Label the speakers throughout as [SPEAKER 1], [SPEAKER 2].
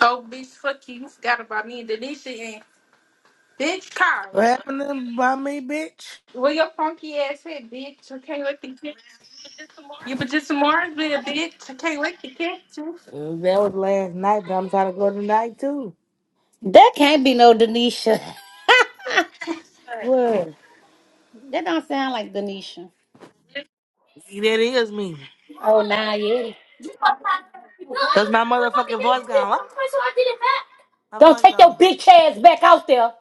[SPEAKER 1] Oh, bitch, fuck you. You forgot about me and Denisha and bitch Kyle.
[SPEAKER 2] What happened to by me, bitch?
[SPEAKER 1] Where your funky ass head, bitch? I can't wait to get you. But just some Marvin, bitch. I can't wait to get you.
[SPEAKER 2] Uh, That was last night, but I'm trying to go tonight too.
[SPEAKER 3] That can't be no Denisha.
[SPEAKER 2] What?
[SPEAKER 3] That don't sound like Denisha.
[SPEAKER 2] See, That is me.
[SPEAKER 3] Oh, nah, yeah.
[SPEAKER 2] Cause my motherfucking voice gone. Ah, My
[SPEAKER 3] Don't
[SPEAKER 2] voice
[SPEAKER 3] take your
[SPEAKER 2] gone.
[SPEAKER 3] bitch ass back out there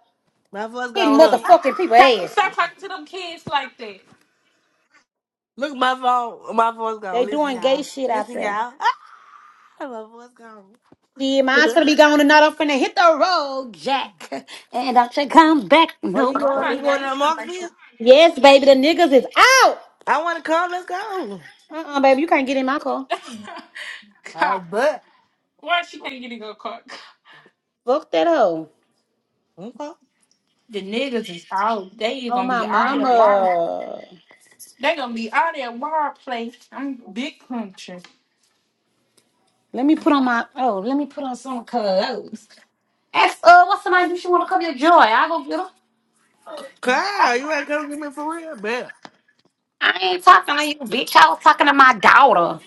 [SPEAKER 2] My voice
[SPEAKER 3] hitting
[SPEAKER 2] gone. Look. Ah,
[SPEAKER 3] motherfucking people
[SPEAKER 1] Kyle, stop
[SPEAKER 3] asses.
[SPEAKER 1] talking to them kids like that.
[SPEAKER 2] Look, my phone. My voice
[SPEAKER 3] They
[SPEAKER 2] gone. Listen,
[SPEAKER 3] doing gay
[SPEAKER 2] y'all.
[SPEAKER 3] shit out
[SPEAKER 2] Listen,
[SPEAKER 3] there.
[SPEAKER 2] y'all. Ah, my voice gone.
[SPEAKER 3] See, mine's gonna be gone tonight. I'm finna hit the road, Jack. And I should come back.
[SPEAKER 2] Are
[SPEAKER 3] No.
[SPEAKER 2] you
[SPEAKER 1] Oh my
[SPEAKER 2] going? You
[SPEAKER 1] god,
[SPEAKER 2] going to
[SPEAKER 1] you sound like
[SPEAKER 2] Marksville?
[SPEAKER 1] shit.
[SPEAKER 3] Yes, baby, the niggas is out.
[SPEAKER 2] I want to come. Let's go.
[SPEAKER 3] Uh-uh, baby, you can't get in my car.
[SPEAKER 2] I
[SPEAKER 1] God,
[SPEAKER 2] bet.
[SPEAKER 1] why she can't get a your car?
[SPEAKER 3] Fuck that hoe.
[SPEAKER 2] Okay.
[SPEAKER 1] The niggas is all they
[SPEAKER 3] Oh,
[SPEAKER 1] gonna
[SPEAKER 3] my
[SPEAKER 1] be all that wild.
[SPEAKER 3] mama.
[SPEAKER 1] They gonna be all that wild play. I'm big country.
[SPEAKER 3] Let me put on my, oh, let me put on some clothes. Ask, uh, what's somebody do? She want to come your joy. I go get her.
[SPEAKER 2] Kyle, you want to come get me for real? Bet.
[SPEAKER 3] I ain't talking to you, bitch. I was talking to my daughter.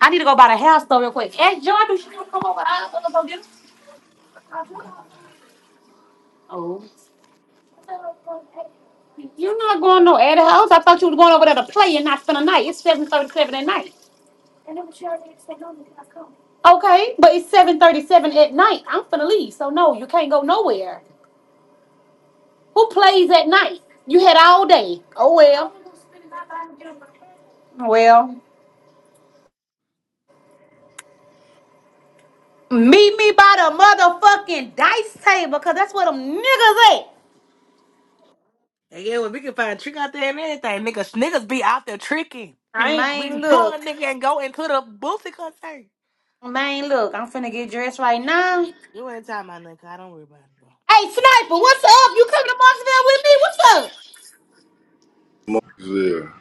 [SPEAKER 3] I need to go buy the house though real quick. Hey, Jordan, you wanna come over? I was gonna go get Oh, you're not going no at the house. I thought you were going over there to play and not spend a night. It's seven thirty-seven at night. Okay, but it's seven thirty-seven at night. I'm finna leave, so no, you can't go nowhere. Who plays at night? You had all day. Oh well. Well, meet me by the motherfucking dice table, cause that's where them niggas at.
[SPEAKER 2] And yeah, well, we can find a trick out there and everything. Niggas, niggas be out there tricking.
[SPEAKER 1] I ain't.
[SPEAKER 2] We
[SPEAKER 3] Man,
[SPEAKER 2] can pull a
[SPEAKER 3] look.
[SPEAKER 2] nigga and go into the Boosie concert.
[SPEAKER 3] Man, look, I'm finna get dressed right now. Hey,
[SPEAKER 2] You ain't talking about nothing. 'cause I don't worry about it.
[SPEAKER 3] Sniper, what's up? You coming to Marksville with me? What's up?
[SPEAKER 4] Marksville.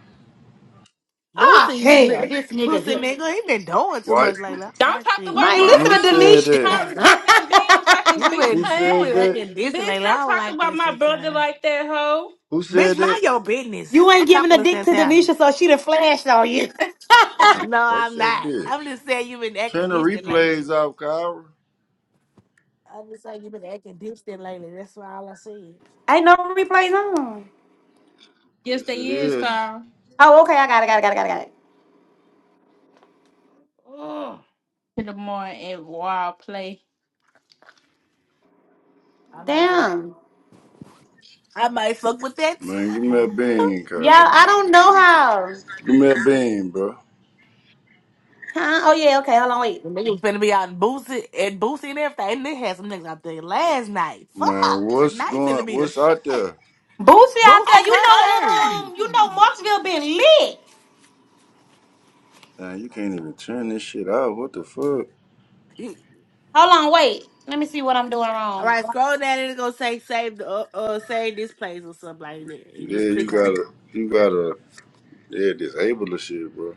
[SPEAKER 3] Ah,
[SPEAKER 2] Boosie's
[SPEAKER 3] hell,
[SPEAKER 2] nigga,
[SPEAKER 3] this nigga
[SPEAKER 2] pussy
[SPEAKER 3] here.
[SPEAKER 2] nigga, he been doing too
[SPEAKER 4] What?
[SPEAKER 2] much lately. I don't
[SPEAKER 1] Don't
[SPEAKER 2] like
[SPEAKER 1] talk
[SPEAKER 2] this.
[SPEAKER 1] about
[SPEAKER 3] Man,
[SPEAKER 4] Man,
[SPEAKER 1] my
[SPEAKER 3] listen
[SPEAKER 4] who
[SPEAKER 3] to
[SPEAKER 1] how long
[SPEAKER 4] said that?
[SPEAKER 1] Kyrie
[SPEAKER 3] Denisha.
[SPEAKER 1] give me a beam so I can
[SPEAKER 2] You
[SPEAKER 1] beat
[SPEAKER 4] Who
[SPEAKER 1] her
[SPEAKER 2] been you
[SPEAKER 4] said
[SPEAKER 2] been
[SPEAKER 1] ass.
[SPEAKER 4] that?
[SPEAKER 2] acting distant
[SPEAKER 1] Bitch,
[SPEAKER 2] lately.
[SPEAKER 1] don't
[SPEAKER 2] I don't
[SPEAKER 1] talk
[SPEAKER 2] like
[SPEAKER 1] about
[SPEAKER 2] this,
[SPEAKER 1] my brother
[SPEAKER 2] Santana.
[SPEAKER 1] like that, hoe.
[SPEAKER 4] Who
[SPEAKER 2] Bitch,
[SPEAKER 4] said
[SPEAKER 2] mind
[SPEAKER 4] that?
[SPEAKER 2] your business.
[SPEAKER 3] you ain't
[SPEAKER 2] I'm
[SPEAKER 3] giving
[SPEAKER 2] talking
[SPEAKER 3] a
[SPEAKER 2] to
[SPEAKER 3] dick to
[SPEAKER 2] Santana.
[SPEAKER 3] Denisha, so she done flashed on you.
[SPEAKER 4] Man,
[SPEAKER 2] No,
[SPEAKER 4] fuck
[SPEAKER 2] I'm
[SPEAKER 4] that
[SPEAKER 2] not.
[SPEAKER 4] bitch.
[SPEAKER 2] I'm just saying you been acting
[SPEAKER 4] Turn the
[SPEAKER 2] distant lately.
[SPEAKER 4] replays off, Kyle.
[SPEAKER 2] I'm just saying you been acting distant lately. That's why all I see.
[SPEAKER 3] Ain't no replays on.
[SPEAKER 1] Yes,
[SPEAKER 4] Yes, it
[SPEAKER 1] they is,
[SPEAKER 4] is.
[SPEAKER 1] Carl.
[SPEAKER 3] Oh, okay, I got it, got it, got it, got it, got it.
[SPEAKER 1] In the morning and wild play.
[SPEAKER 2] I might go.
[SPEAKER 3] Damn.
[SPEAKER 2] I might fuck with that.
[SPEAKER 4] Man, give me a bean, Kyle.
[SPEAKER 3] Yeah, I don't know how.
[SPEAKER 4] Give me a bean, bro.
[SPEAKER 3] Huh? Oh, yeah, okay, hold on, wait.
[SPEAKER 2] The niggas finna be out in Boosie and Boosie and everything. And they had some niggas out there last night. Fuck.
[SPEAKER 4] Man, what's
[SPEAKER 2] Tonight
[SPEAKER 4] going?
[SPEAKER 2] finna be the
[SPEAKER 4] What's
[SPEAKER 2] shit.
[SPEAKER 4] out there?
[SPEAKER 3] Boosie out
[SPEAKER 2] Boosie
[SPEAKER 3] there, you
[SPEAKER 2] concert.
[SPEAKER 3] know, um, you know Marksville been lit.
[SPEAKER 4] Man, you can't even turn this shit out. What the fuck?
[SPEAKER 2] You-
[SPEAKER 3] Hold on, wait. Let me see what I'm doing
[SPEAKER 2] All
[SPEAKER 3] wrong.
[SPEAKER 2] right, scroll down and it's gonna say save the uh, uh save this place or something like that. You
[SPEAKER 4] Yeah,
[SPEAKER 2] just
[SPEAKER 4] you
[SPEAKER 2] click on. it.
[SPEAKER 4] gotta, you gotta, yeah, disable the shit, bro.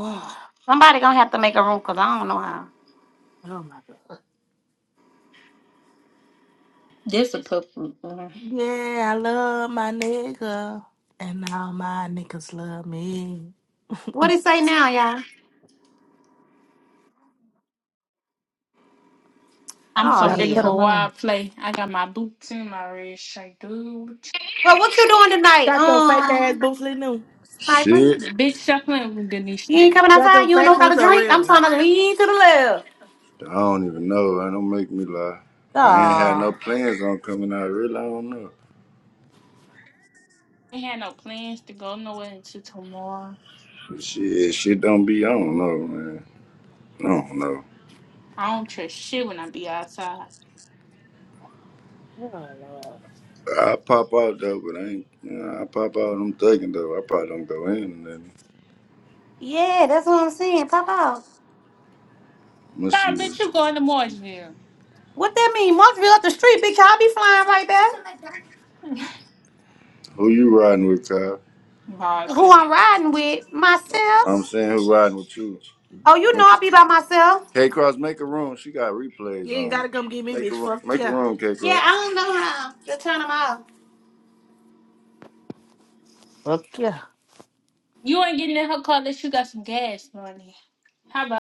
[SPEAKER 2] Oh,
[SPEAKER 3] Somebody gonna have to make a room, because I don't know how.
[SPEAKER 2] oh my god.
[SPEAKER 1] This a purple.
[SPEAKER 2] Yeah, I love my nigga, and all my niggas love me.
[SPEAKER 3] What it say now, y'all?
[SPEAKER 1] I'm
[SPEAKER 3] Oh
[SPEAKER 1] so
[SPEAKER 2] Gotta
[SPEAKER 1] ready
[SPEAKER 2] cut
[SPEAKER 1] for
[SPEAKER 2] them
[SPEAKER 3] hell.
[SPEAKER 2] off.
[SPEAKER 1] wild play. I got my boots in my red shirt, dude.
[SPEAKER 3] Well, what you doing tonight,
[SPEAKER 2] Got those fake
[SPEAKER 3] um,
[SPEAKER 2] ass boots, Lee New.
[SPEAKER 3] sniper?
[SPEAKER 4] Shit,
[SPEAKER 1] Bitch, stop playing with
[SPEAKER 3] You
[SPEAKER 1] Denisha.
[SPEAKER 3] ain't coming
[SPEAKER 2] Got
[SPEAKER 3] outside.
[SPEAKER 2] those
[SPEAKER 3] You ain't no
[SPEAKER 2] fake
[SPEAKER 3] about a
[SPEAKER 2] boots are
[SPEAKER 3] drink.
[SPEAKER 2] real
[SPEAKER 3] I'm trying
[SPEAKER 2] ones.
[SPEAKER 3] to lean to the left.
[SPEAKER 4] I don't even know. That don't make me lie. I ain't had no
[SPEAKER 3] Oh,
[SPEAKER 4] plans on coming out. Really, I don't know.
[SPEAKER 1] We had no plans to go nowhere until tomorrow.
[SPEAKER 4] Shit, shit don't be on, no, man. I don't know.
[SPEAKER 1] I don't trust shit when I be outside.
[SPEAKER 2] Oh lord.
[SPEAKER 4] I pop out though, but I ain't. You know, I pop out. I'm thugging though. I probably don't go in. And then
[SPEAKER 3] yeah, that's what I'm saying. Pop out.
[SPEAKER 4] must
[SPEAKER 1] Nah,
[SPEAKER 4] see
[SPEAKER 1] bitch, you
[SPEAKER 4] what's-
[SPEAKER 1] going to Mooresville.
[SPEAKER 3] What that mean? Marksville up the street, bitch. I'll be flying right there.
[SPEAKER 4] who you riding with, Kyle.
[SPEAKER 1] Nah,
[SPEAKER 3] Who I'm riding with? Myself.
[SPEAKER 4] I'm saying who riding with you.
[SPEAKER 3] Oh, you
[SPEAKER 4] Man,
[SPEAKER 3] know I'll be by myself.
[SPEAKER 4] K Cross, make a room. She got replays
[SPEAKER 2] You ain't
[SPEAKER 4] on.
[SPEAKER 2] gotta come get me,
[SPEAKER 4] Make a
[SPEAKER 2] bitch.
[SPEAKER 4] ro-
[SPEAKER 2] Fuck
[SPEAKER 4] make a
[SPEAKER 2] you.
[SPEAKER 4] room, K Cross.
[SPEAKER 3] Yeah, I don't know how to turn them off.
[SPEAKER 2] Okay.
[SPEAKER 1] You ain't getting in her car unless you got some gas money. How about?